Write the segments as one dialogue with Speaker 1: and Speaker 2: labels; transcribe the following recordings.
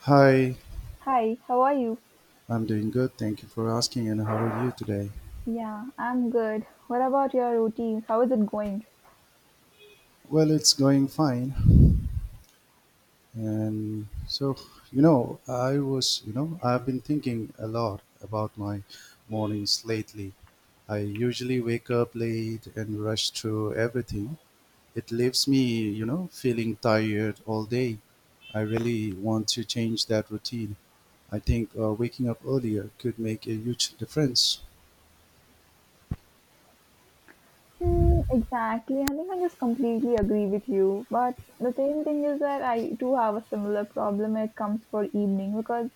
Speaker 1: Hi,
Speaker 2: Hi, how are you?
Speaker 1: I'm doing good. Thank you for asking. And how are you today?
Speaker 2: Yeah, I'm good. What about your routines? How is it going?
Speaker 1: Well, it's going fine. And so, you know, I was, you know, I've been thinking a lot about my mornings lately. I usually wake up late and rush through everything. It leaves me feeling tired all day. I really want to change that routine. I think waking up earlier could make a huge difference.
Speaker 2: Hmm, exactly. I think I just completely agree with you. But the same thing is that I do have a similar problem when it comes for evening, because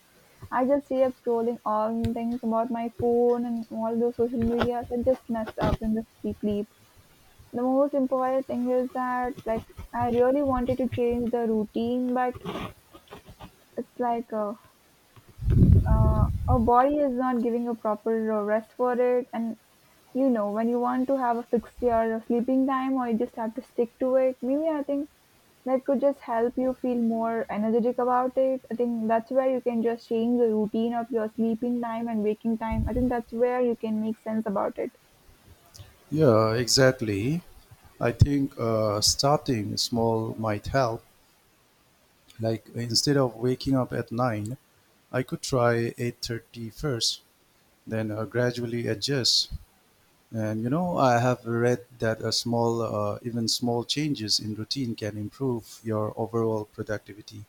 Speaker 2: I just stay up scrolling all things about my phone and all those social medias and just mess up in the sleep. The most important thing is that like I really wanted to change the routine, but it's like our body is not giving a proper rest for it. And you know, when you want to have a fixed your sleeping time, or you just have to stick to it maybe, I think that could just help you feel more energetic about it. I think that's where you can just change the routine of your sleeping time and waking time. I think that's where you can make sense about it.
Speaker 1: Yeah, exactly. I think starting small might help. Like instead of waking up at nine, I could try 8:30 first, then gradually adjust. And I have read that even small changes in routine can improve your overall productivity.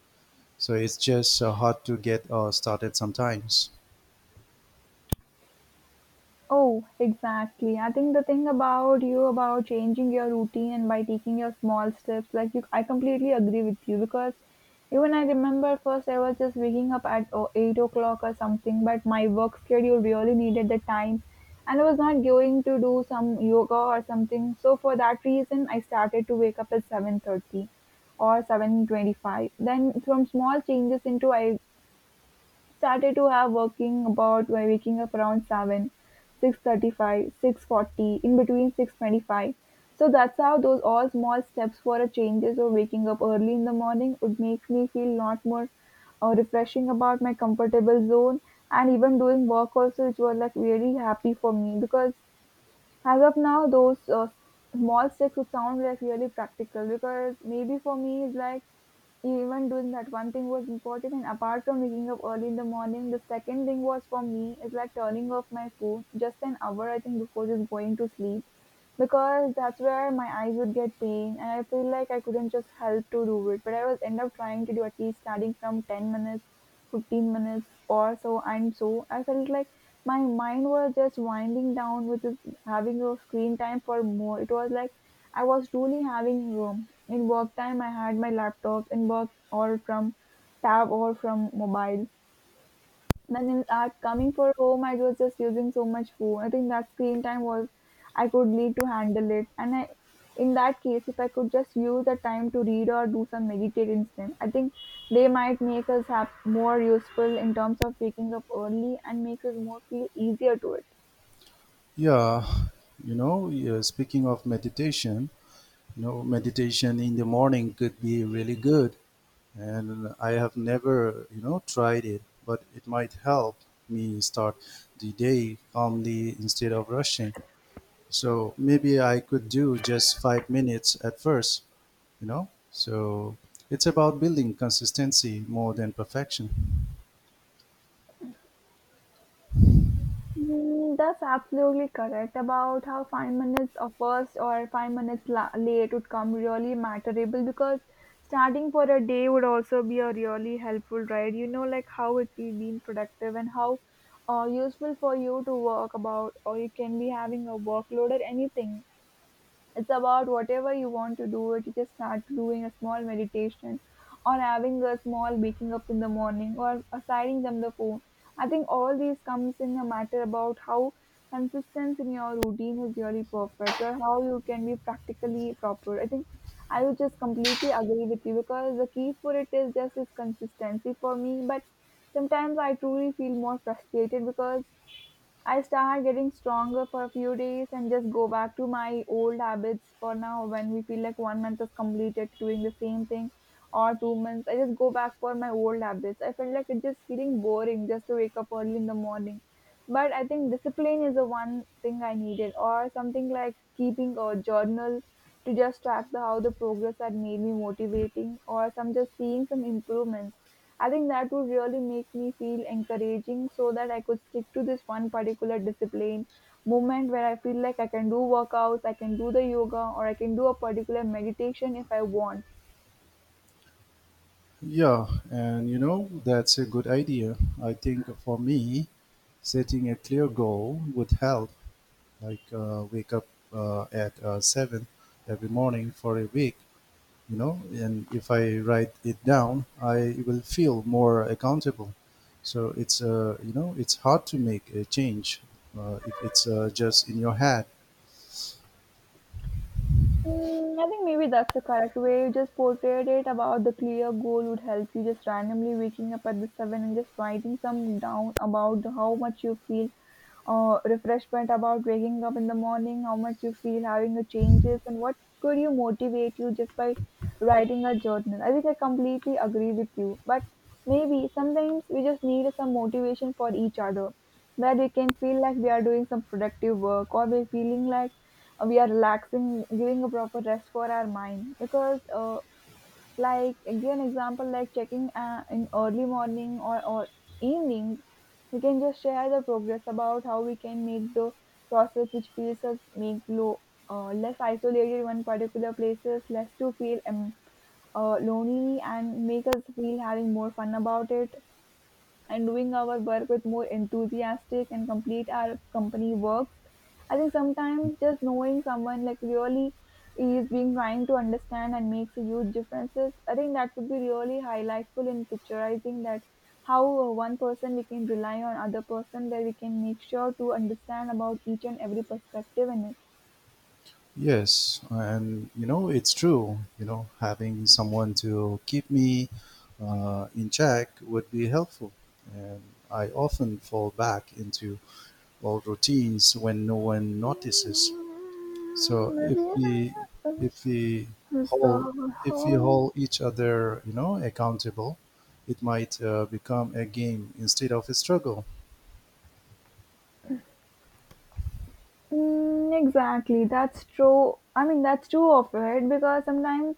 Speaker 1: So it's just hard to get started sometimes.
Speaker 2: Oh, exactly. I think the thing about you about changing your routine and by taking your small steps, like you, I completely agree with you, because even I remember first I was just waking up at 8 o'clock or something, but my work schedule really needed the time and I was not going to do some yoga or something. So for that reason, I started to wake up at 7:30 or 7:25. Then from small changes into I started to have working about by waking up around 7, 6:35, 6:40, in between 6:25. So that's how those all small steps for a changes or waking up early in the morning would make me feel lot more refreshing about my comfortable zone, and even doing work also, which was like really happy for me, because as of now those small steps would sound like really practical. Because maybe for me it's like even doing that one thing was important, and apart from waking up early in the morning, the second thing was for me is like turning off my phone just an hour, I think, before just going to sleep, because that's where my eyes would get pain and I feel like I couldn't just help to do it, but I was end up trying to do at least starting from 10 minutes, 15 minutes or so. And so I felt like my mind was just winding down with this having a screen time for more. It was like I was truly having room. In work time, I had my laptops in work or from tab or from mobile. Then in at coming for home, I was just using so much phone. I think that screen time was I could need to handle it. And I, in that case, if I could just use the time to read or do some meditate instead, I think they might make us have more useful in terms of waking up early and makes us more feel easier to it.
Speaker 1: Yeah, speaking of meditation, meditation in the morning could be really good, and I have never tried it, but it might help me start the day calmly instead of rushing. So maybe I could do just 5 minutes at first, So it's about building consistency more than perfection.
Speaker 2: Mm, that's absolutely correct about how 5 minutes of first or 5 minutes late would come really matterable, because starting for a day would also be a really helpful, right, like how it will be productive and how useful for you to work about, or you can be having a workload or anything. It's about whatever you want to do. It is just start doing a small meditation or having a small waking up in the morning or assigning them the phone. I think all these comes in a matter about how consistency in your routine is really perfect, or how you can be practically proper. I think I would just completely agree with you because the key for it is just is consistency for me. But sometimes I truly feel more frustrated, because I start getting stronger for a few days and just go back to my old habits for now. When we feel like one month is completed doing the same thing, or 2 months, I just go back for my old habits. I felt like it's just feeling boring just to wake up early in the morning. But I think discipline is the one thing I needed, or something like keeping a journal to just track the how the progress had made me motivating, or some just seeing some improvements. I think that would really make me feel encouraging so that I could stick to this one particular discipline moment where I feel like I can do workouts, I can do the yoga, or I can do a particular meditation if I want.
Speaker 1: Yeah, and that's a good idea. I think for me, setting a clear goal would help, like wake up at 7 every morning for a week. You know, and if I write it down I will feel more accountable. So it's it's hard to make a change if it's just in your head.
Speaker 2: Mm, I think maybe that's the correct way. You just portrayed it about the clear goal would help you just randomly waking up at the 7 and just writing some down about how much you feel refreshment about waking up in the morning, how much you feel having the changes, and what could you motivate you just by writing a journal. I think I completely agree with you, but maybe sometimes we just need some motivation for each other where we can feel like we are doing some productive work, or we're feeling like we are relaxing, giving a proper rest for our mind, because like again example like checking in early morning or evening we can just share the progress about how we can make the process which feels us make low less isolated when particular places less to feel lonely, and make us feel having more fun about it and doing our work with more enthusiastic and complete our company works. I think sometimes just knowing someone like really is being trying to understand and makes a huge differences. I think that would be really highlightful in picturizing that how one person we can rely on other person where we can make sure to understand about each and every perspective in it.
Speaker 1: Yes, and you know, it's true. You know, having someone to keep me in check would be helpful, and I often fall back into old routines when no one notices. So
Speaker 2: Maybe.
Speaker 1: if we hold if we hold each other, accountable, it might become a game instead of a struggle.
Speaker 2: Mm, exactly, that's true. I mean, that's true of it because sometimes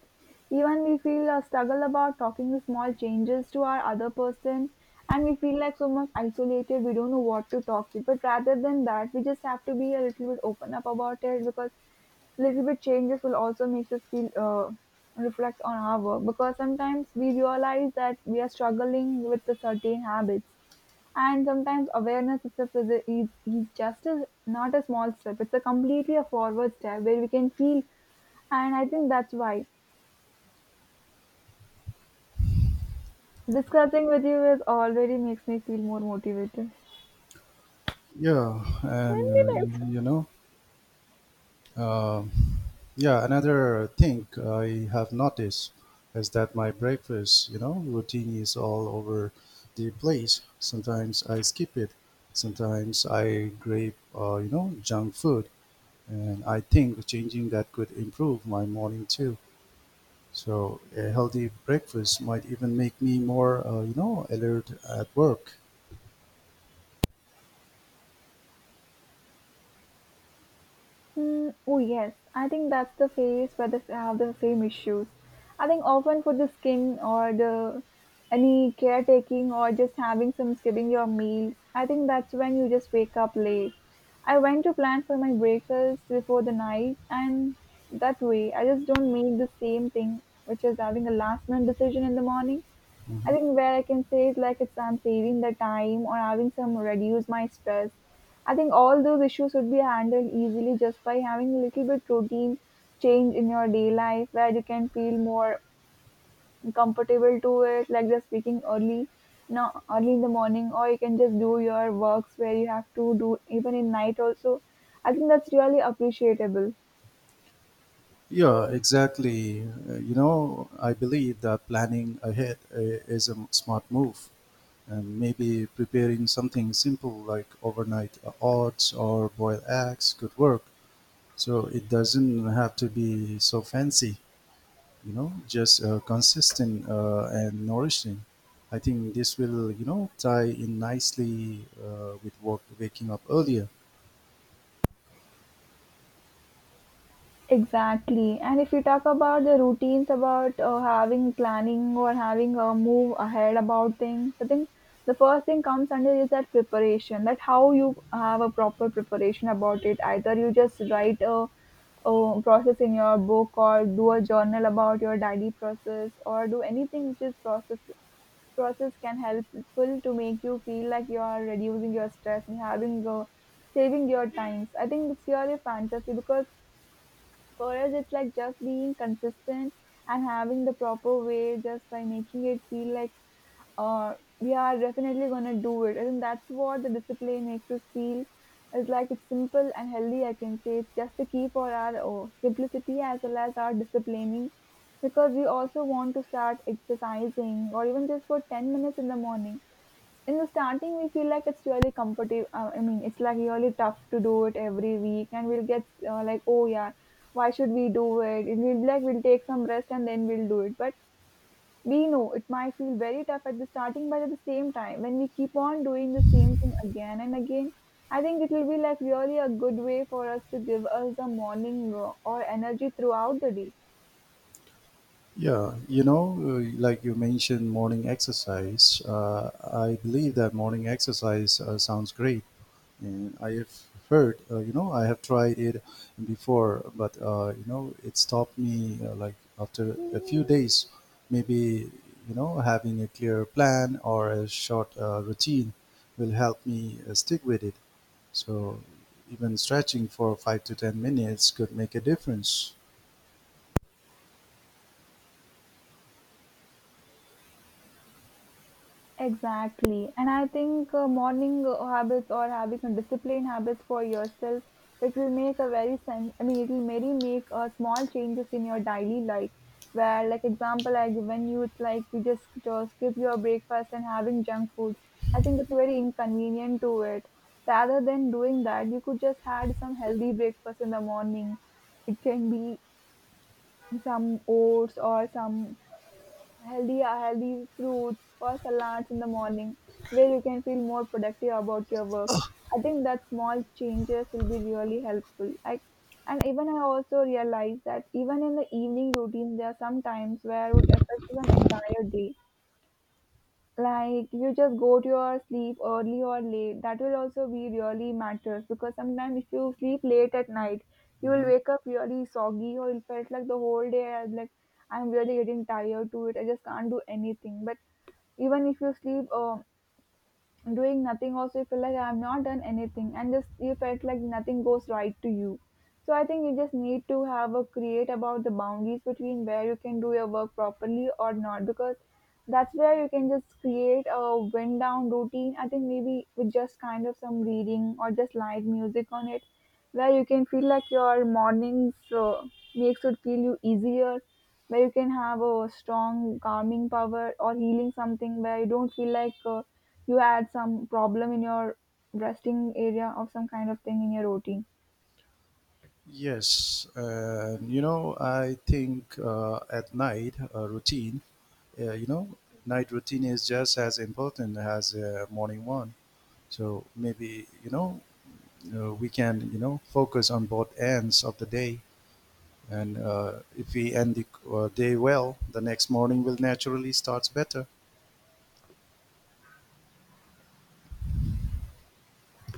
Speaker 2: even we feel a struggle about talking the small changes to our other person, and we feel like so much isolated, we don't know what to talk with. But rather than that, we just have to be a little bit open up about it, because little bit changes will also make us feel reflect on our work, because sometimes we realize that we are struggling with the certain habits, and sometimes awareness itself is just a, not a small step, it's a completely a forward step where we can feel. And I think that's why discussing with you is already makes me feel more motivated.
Speaker 1: Yeah,
Speaker 2: Very
Speaker 1: and
Speaker 2: nice.
Speaker 1: um yeah. Another thing I have noticed is that my breakfast, routine is all over the place. Sometimes I skip it. Sometimes I crave, junk food, and I think changing that could improve my morning too. So a healthy breakfast might even make me more, alert at work.
Speaker 2: Mm, oh yes, I think that's the phase where they have the same issues. I think often for the skin or the any caretaking or just having some skipping your meals. I think that's when you just wake up late. I went to plan for my breakfast before the night, and that way I just don't make the same thing, which is having a last minute decision in the morning. I
Speaker 1: Mhm.
Speaker 2: think where I can say is like it's I'm saving the time or having some reduce my stress. I think all those issues would be handled easily just by having a little bit routine change in your day life where you can feel more comfortable to it, like just waking early now early in the morning, or you can just do your works where you have to do even in night also. I think that's really appreciable.
Speaker 1: Yeah, exactly. I believe that planning ahead is a smart move, and maybe preparing something simple like overnight oats or boiled eggs could work. So it doesn't have to be so fancy. You know, just consistent and nourishing. I think this will, you know, tie in nicely with work, waking up earlier.
Speaker 2: Exactly. And if you talk about the routines about having planning or having a move ahead about things, I think the first thing comes under is that preparation, that how you have a proper preparation about it. Either you just write a process in your book or do a journal about your daily process or do anything which is process can helpful to make you feel like you are reducing your stress and having saving your times. I think it's really fantasy, because for us it's like just being consistent and having the proper way just by making it feel like uh, we are definitely gonna do it. I think that's what the discipline makes us feel. It's like it's simple and healthy. I can say it's just the key for our simplicity as well as our disciplining, because we also want to start exercising or even just for 10 minutes in the morning. In the starting we feel like it's really competitive. I mean, it's like really tough to do it every week and we'll get like, oh yeah, why should we do it, and we'll be like, we'll take some rest and then we'll do it. But we know it might feel very tough at the starting, but at the same time, when we keep on doing the same thing again and again, I think it will be like really a good way for us to give us a morning or energy throughout the day.
Speaker 1: Yeah, like you mentioned morning exercise, I believe that morning exercise sounds great. And I have heard, I have tried it before, but it stopped me like after a few days. Maybe having a clear plan or a short routine will help me stick with it. So even stretching for 5 to 10 minutes could make a difference.
Speaker 2: Exactly. And I think morning habits, or having a disciplined habits for yourself, it will make a very sense. I mean, it will maybe make small changes in your daily life. Where, like example, I given you, it's like you just skip your breakfast and having junk food. I think it's very inconvenient to it. Rather than doing that, you could just had some healthy breakfast in the morning. It can be some oats or some healthy fruits or salads in the morning, where you can feel more productive about your work. I think that small changes will be really helpful. I and even I also realized that even in the evening routine, there are some times where it would affect some entire day. Like, you just go to your sleep early or late, that will also be really matters. Because sometimes if you sleep late at night, you will
Speaker 1: Mhm.
Speaker 2: wake up really soggy, or it felt like the whole day I was like I'm really getting tired to it, I just can't do anything. But even if you sleep doing nothing also, you feel like I've not done anything, and just you felt like nothing goes right to you. So I think you just need to have a create about the boundaries between where you can do your work properly or not. Because that's where you can just create a wind down routine. I think maybe with just kind of some reading or just light music on it, where you can feel like your mornings makes it feel you easier, where you can have a strong calming power or healing something, where you don't feel like you had some problem in your resting area or some kind of thing in your routine.
Speaker 1: Yes, and I think at night routine, uh, you know, night routine is just as important as morning one. So maybe we can focus on both ends of the day, and if we end the day well, the next morning will naturally start better.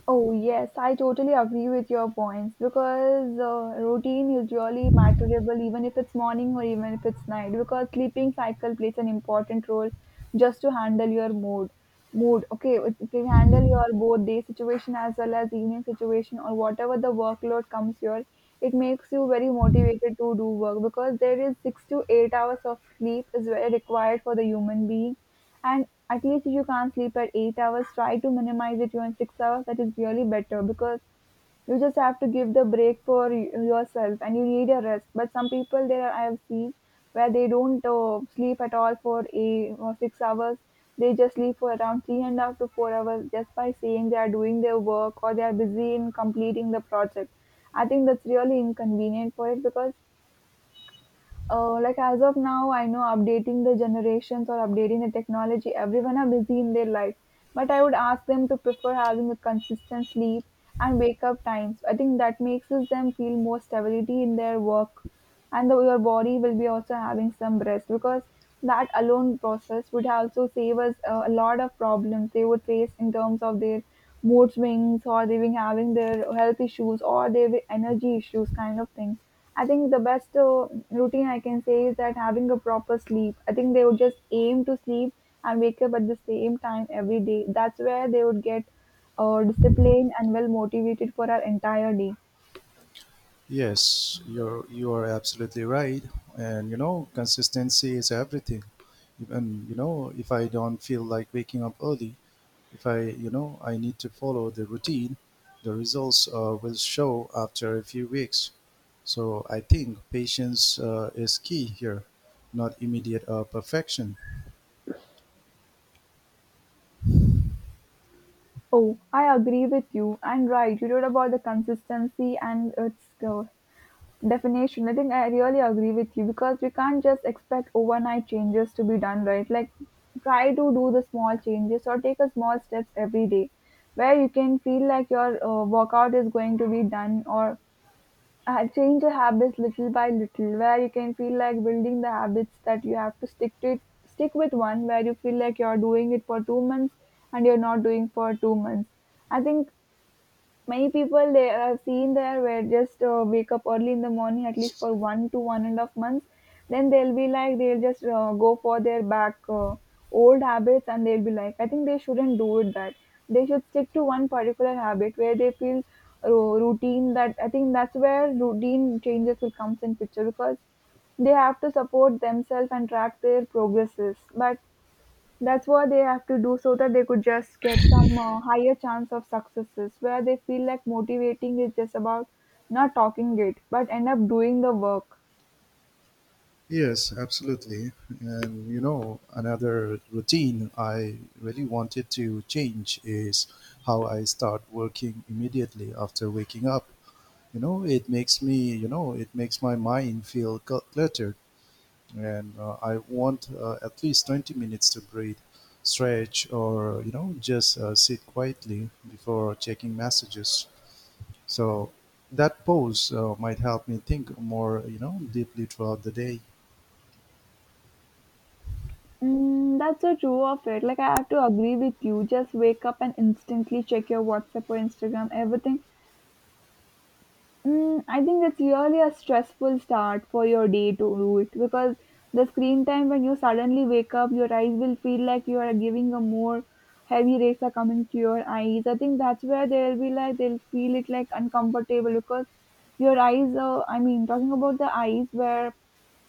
Speaker 2: Oh, yes, I totally agree with your points, because routine is really matterable, even if it's morning or even if it's night, because sleeping cycle plays an important role just to handle your mood. Mood, okay, it can handle your both day situation as well as evening situation or whatever the workload comes your. It makes you very motivated to do work, because there is 6 to 8 hours of sleep is very required for the human being. And at least if you can't sleep at 8 hours, try to minimize it even 6 hours. That is really better, because you just have to give the break for yourself and you need a rest. But some people I have seen where they don't sleep at all for a or 6 hours. They just sleep for around three and a half to four hours, just by saying they are doing their work or they are busy in completing the project. I think that's really inconvenient for it. Because like as of now, I know, updating the generations or updating the technology, everyone are busy in their life. But I would ask them to prefer having a consistent sleep and wake up times. I think that makes us them feel more stability in their work. And your body will be also having some rest. Because that alone process would also save us a lot of problems they would face in terms of their mood swings, or they being having their health issues or their energy issues kind of thing. I think the best routine I can say is that having a proper sleep. I think they would just aim to sleep and wake up at the same time every day. That's where they would get disciplined and well motivated for our entire day.
Speaker 1: Yes, you are absolutely right, and consistency is everything. Even if I don't feel like waking up early, if I, I need to follow the routine, the results will show after a few weeks. So I think patience is key here, not immediate perfection.
Speaker 2: Oh, I agree with you. And right, you wrote about the consistency and its definition. I think I really agree with you, because we can't just expect overnight changes to be done right. Like, try to do the small changes or take a small steps every day, where you can feel like your workout is going to be done, or change the habits little by little, where you can feel like building the habits that you have to stick to it, stick with one, where you feel like you're doing it for 2 months and you're not doing for 2 months. I think many people they have seen there, where just wake up early in the morning at least for one to one and a half months. Then they'll be like, they'll just go for their back old habits, and they'll be like, I think they shouldn't do it, that they should stick to one particular habit where they feel routine. That I think that's where routine changes will comes in picture. Because they have to support themselves and track their progresses. But that's what they have to do, so that they could just get some higher chance of successes, where they feel like motivating is just about not talking it but end up doing the work.
Speaker 1: Yes, absolutely. And another routine I really wanted to change is how I start working immediately after waking up. You know, it makes me, you know, it makes my mind feel cluttered, and I want at least 20 minutes to breathe, stretch, or just sit quietly before checking messages. So that pause might help me think more, deeply throughout the day.
Speaker 2: Mm, that's so true of it. Like, I have to agree with you. Just wake up and instantly check your WhatsApp or Instagram, everything. Mm, I think that's really a stressful start for your day to do it. Because the screen time, when you suddenly wake up, your eyes will feel like you are giving a more heavy rays are coming to your eyes. I think that's where they'll be like, they'll feel it like uncomfortable. Because your eyes. I mean, talking about the eyes, where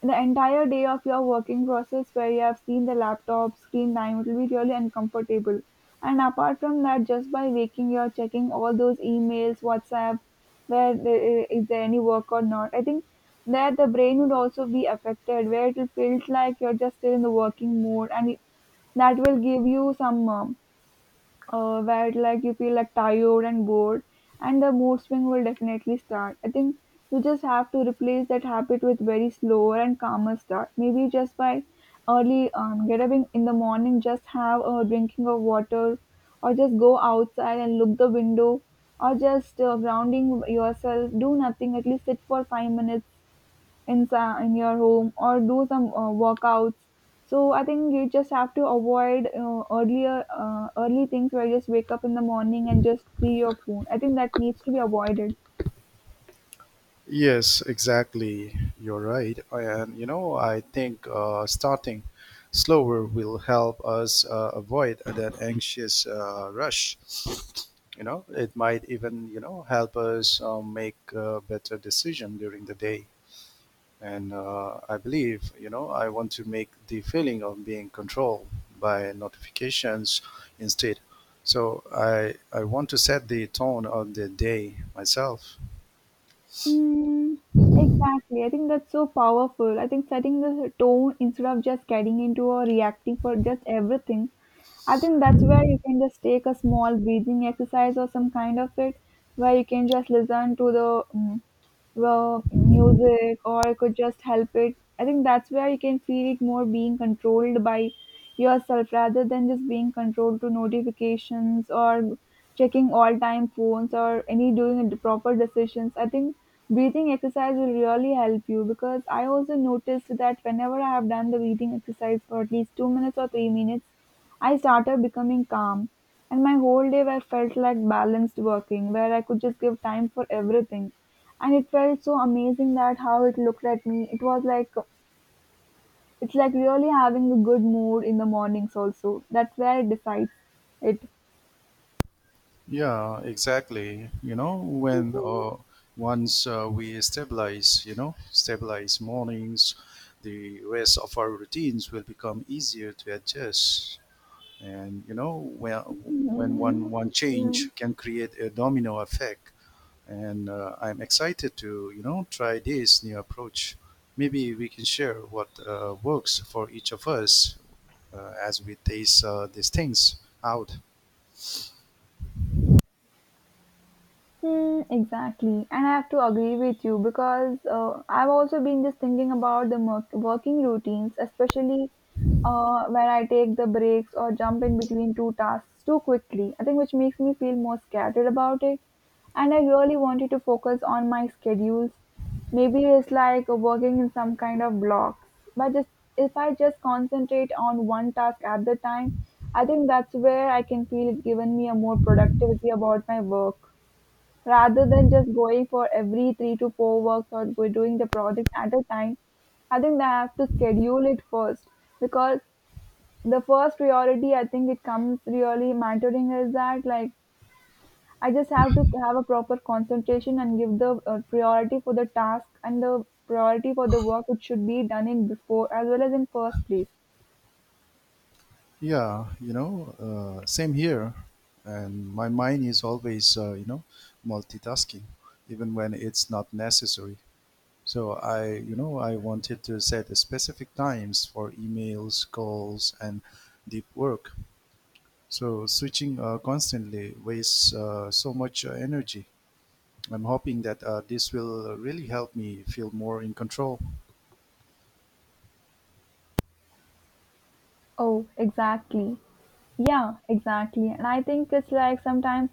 Speaker 2: the entire day of your working process, where you have seen the laptop screen time, it will be really uncomfortable. And apart from that, just by waking, you're checking all those emails, WhatsApp, where there, is there any work or not. I think that the brain would also be affected, where it will feel like you're just still in the working mode. And that will give you some where like you feel like tired and bored, and the mood swing will definitely start. I think you just have to replace that habit with very slower and calmer start. Maybe just by early, get up in the morning, just have a drinking of water, or just go outside and look the window, or just grounding yourself, do nothing, at least sit for 5 minutes in your home, or do some workouts. So I think you just have to avoid earlier early things, where you just wake up in the morning and just see your phone. I think that needs to be avoided.
Speaker 1: Yes, exactly. You're right, and I think starting slower will help us avoid that anxious rush. You know, it might even help us make a better decision during the day, and I believe, I want to make the feeling of being controlled by notifications instead. So I want to set the tone of the day myself.
Speaker 2: Mm, exactly. I think that's so powerful. I think setting the tone, instead of just getting into or reacting for just everything. I think that's where you can just take a small breathing exercise or some kind of it, where you can just listen to the mm, well, music, or I could just help it. I think that's where you can feel it more being controlled by yourself, rather than just being controlled to notifications, or checking all time phones, or any doing the proper decisions. I think breathing exercise will really help you, because I also noticed that whenever I have done the breathing exercise for at least 2 minutes or 3 minutes, I started becoming calm. And my whole day I felt like balanced working, where I could just give time for everything. And it felt so amazing, that how it looked at me. It was like, it's like really having a good mood in the mornings also. That's where it decides it.
Speaker 1: Yeah, exactly. You know when once we stabilize, stabilize mornings, the rest of our routines will become easier to adjust. And you know, when one change can create a domino effect, and I'm excited to try this new approach. Maybe we can share what works for each of us as we taste these things out.
Speaker 2: Hmm, exactly. And I have to agree with you, because I've also been just thinking about the working routines, especially where I take the breaks or jump in between two tasks too quickly. I think which makes me feel more scattered about it. And I really wanted to focus on my schedules. Maybe it's like working in some kind of blocks. But just, if I just concentrate on one task at the time, I think that's where I can feel it given me a more productivity about my work, rather than just going for every 3 to 4 works, or go doing the project at a time, I think they have to schedule it first. Because the first priority, I think it comes really mentoring, is that like, I just have to have a proper concentration and give the priority for the task and the priority for the work which should be done in before as well as in first place.
Speaker 1: Yeah, same here. And my mind is always multitasking, even when it's not necessary. So I, I wanted to set specific times for emails, calls, and deep work. So switching constantly wastes so much energy. I'm hoping that this will really help me feel more in control.
Speaker 2: Oh, exactly. Yeah, exactly. And I think it's like sometimes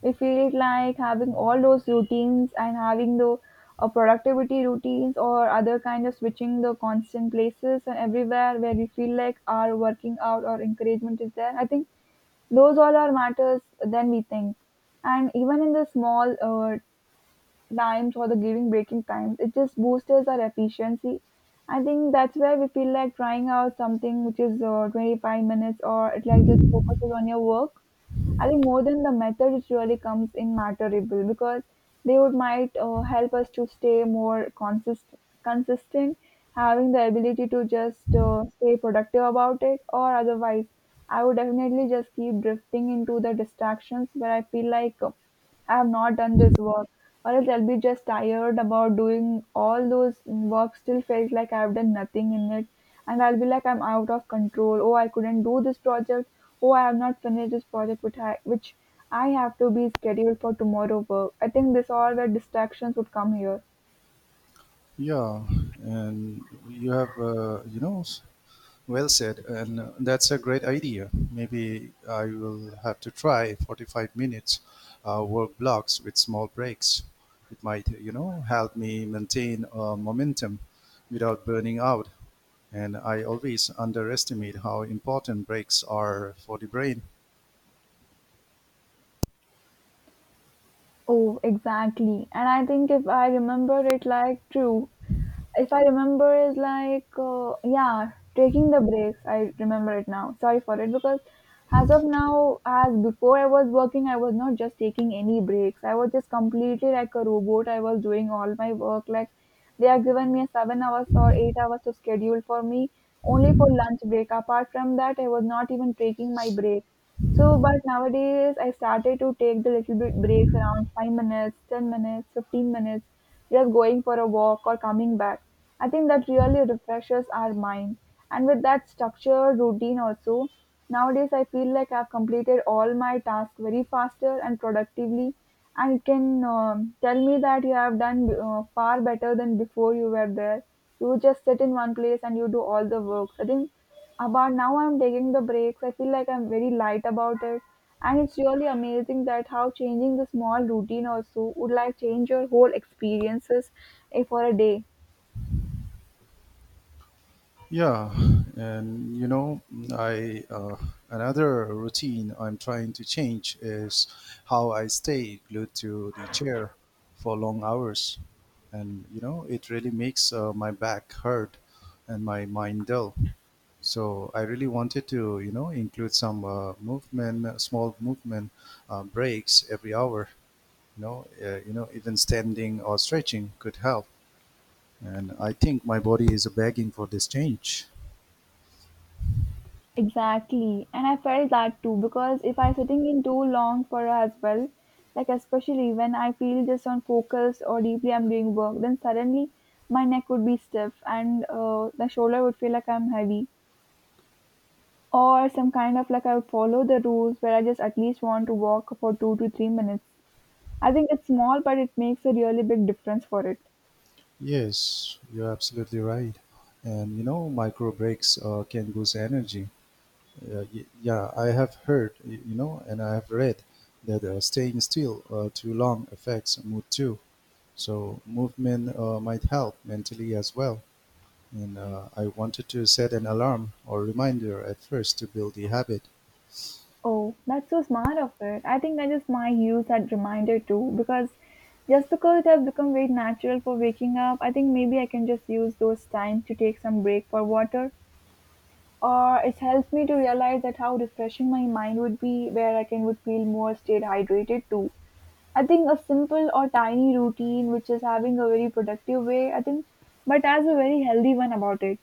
Speaker 2: we feel like having all those routines, and having the productivity routines, or other kind of switching the constant places and everywhere, where we feel like our working out or encouragement is there. I think those all are matters than we think. And even in the small times or the giving breaking times. It just boosts our efficiency. I think that's where we feel like trying out something which is 25 minutes or it like just focuses on your work. I think more than the method, it really comes in matterable because they would might help us to stay more consistent, consistent, having the ability to just stay productive about it, or otherwise, I would definitely just keep drifting into the distractions where I feel like. I have not done this work, or else I'll be just tired about doing all those work. Still felt like I've done nothing in it, and I'll be like I'm out of control. Oh, I couldn't do this project. Oh, I have not finished this project, which I have to be scheduled for tomorrow work. I think this all the distractions would come here.
Speaker 1: Yeah, and you have, well said, and that's a great idea. Maybe I will have to try 45 minutes work blocks with small breaks. It might, help me maintain momentum without burning out. And I always underestimate how important breaks are for the brain.
Speaker 2: Oh, exactly. And I think if I remember it like true, if I remember, is like yeah, taking the breaks. I remember it now. Sorry for it because as of now, as before I was working, I was not just taking any breaks. I was just completely like a robot. I was doing all my work like they are given me 7 hours or 8 hours to schedule for me only for lunch break. Apart from that, I was not even taking my break. So, but nowadays I started to take the little bit breaks around 5 minutes, 10 minutes, 15 minutes, just going for a walk or coming back. I think that really refreshes our mind. And with that structured routine also, nowadays I feel like I've completed all my tasks very faster and productively. And it can tell me that you have done far better than before you were there. You just sit in one place and you do all the works. I think about now I'm taking the breaks. I feel like I'm very light about it. And it's really amazing that how changing the small routine also would like change your whole experiences for a day.
Speaker 1: Yeah, and you know, I another routine I'm trying to change is how I stay glued to the chair for long hours, and it really makes my back hurt and my mind dull. So I really wanted to, include some small movement breaks every hour. Even standing or stretching could help. And I think my body is begging for this change.
Speaker 2: Exactly. And I felt that too because if I sitting in too long for as well, like especially when I feel just on focused or deeply I'm doing work, then suddenly my neck would be stiff and the shoulder would feel like I'm heavy. Or some kind of like I follow the rules where I just at least want to walk for 2 to 3 minutes. I think it's small, but it makes a really big difference for it.
Speaker 1: Yes, you're absolutely right. And micro breaks can boost energy. Yeah, I have heard, and I have read that staying still too long affects mood too. So movement might help mentally as well. And I wanted to set an alarm or reminder at first to build the habit.
Speaker 2: Oh, that's so smart of it. I think that is my use that reminder too, because just because it has become very natural for waking up, I think maybe I can just use those times to take some break for water. Or it helps me to realize that how refreshing my mind would be where I can would feel more stayed hydrated too. I think a simple or tiny routine, which is having a very productive way, I think, but as a very healthy one about it.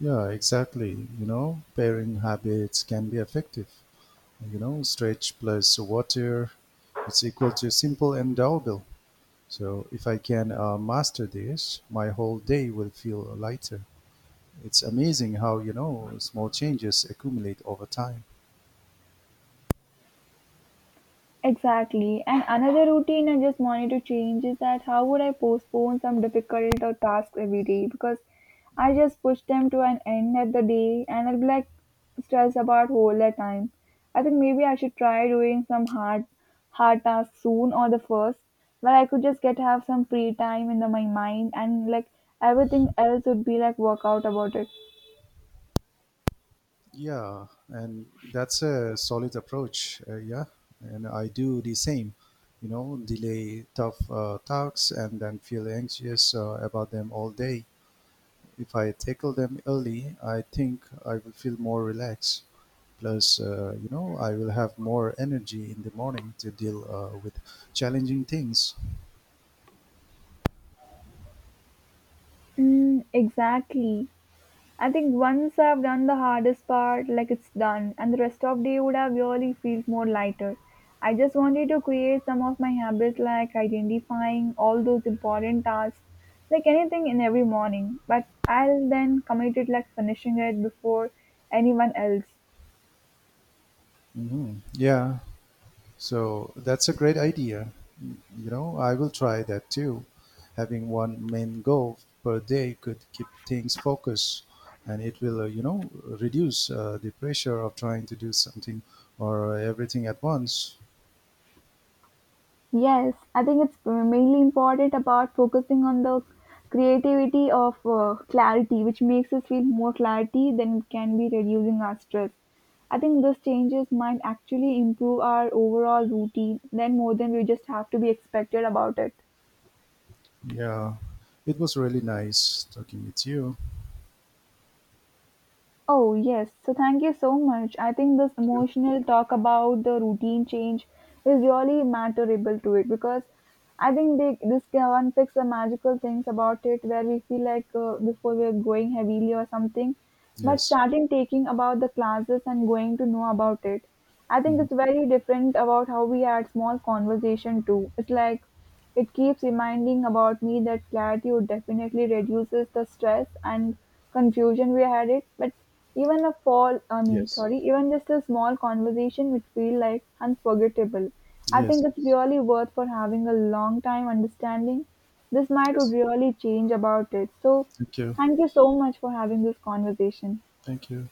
Speaker 1: Yeah, exactly. You know, pairing habits can be effective. You know, stretch plus water, it's equal to simple and doable. So if I can master this, my whole day will feel lighter. It's amazing how, you know, small changes accumulate over time.
Speaker 2: Exactly. And another routine I just wanted to change is that how would I postpone some difficult or tasks every day because I just push them to an end at the day and I'll be like stressed about all the time. I think maybe I should try doing some hard tasks soon or the first where I could just get have some free time in the, my mind and like everything else would be like work out about it.
Speaker 1: Yeah, and that's a solid approach. Yeah, and I do the same. You know, delay tough tasks and then feel anxious about them all day. If I tackle them early, I think I will feel more relaxed. Plus, I will have more energy in the morning to deal with challenging things.
Speaker 2: Mm, exactly. I think once I've done the hardest part, like it's done, and the rest of day would have really felt more lighter. I just wanted to create some of my habits, like identifying all those important tasks, like anything in every morning. But I'll then commit it, like finishing it before anyone else.
Speaker 1: Yeah. So that's a great idea. You know, I will try that too. Having one main goal per day could keep things focused, and it will, reduce the pressure of trying to do something or everything at once.
Speaker 2: Yes, I think it's mainly important about focusing on the creativity of clarity, which makes us feel more clarity than it can be reducing our stress. I think these changes might actually improve our overall routine, then more than we just have to be expected about it.
Speaker 1: Yeah. It was really nice talking with you.
Speaker 2: Oh, yes. So, thank you so much. I think this
Speaker 1: Thank you.
Speaker 2: emotional talk about the routine change is really matterable to it because I think they, this can fix the magical things about it where we feel like before we are going heavily or something. But
Speaker 1: Yes.
Speaker 2: starting taking about the classes and going to know about it, I think
Speaker 1: Mhm.
Speaker 2: it's very different about how we had small conversation too. It's like it keeps reminding about me that gratitude definitely reduces the stress and confusion we had it, but even a fall, I mean,
Speaker 1: Yes.
Speaker 2: sorry, even just a small conversation which feel like unforgettable. I
Speaker 1: Yes.
Speaker 2: think it's really worth for having a long time understanding. This might would
Speaker 1: Yes.
Speaker 2: really change about it. So
Speaker 1: Thank you.
Speaker 2: thank you so much for having this conversation.
Speaker 1: Thank you.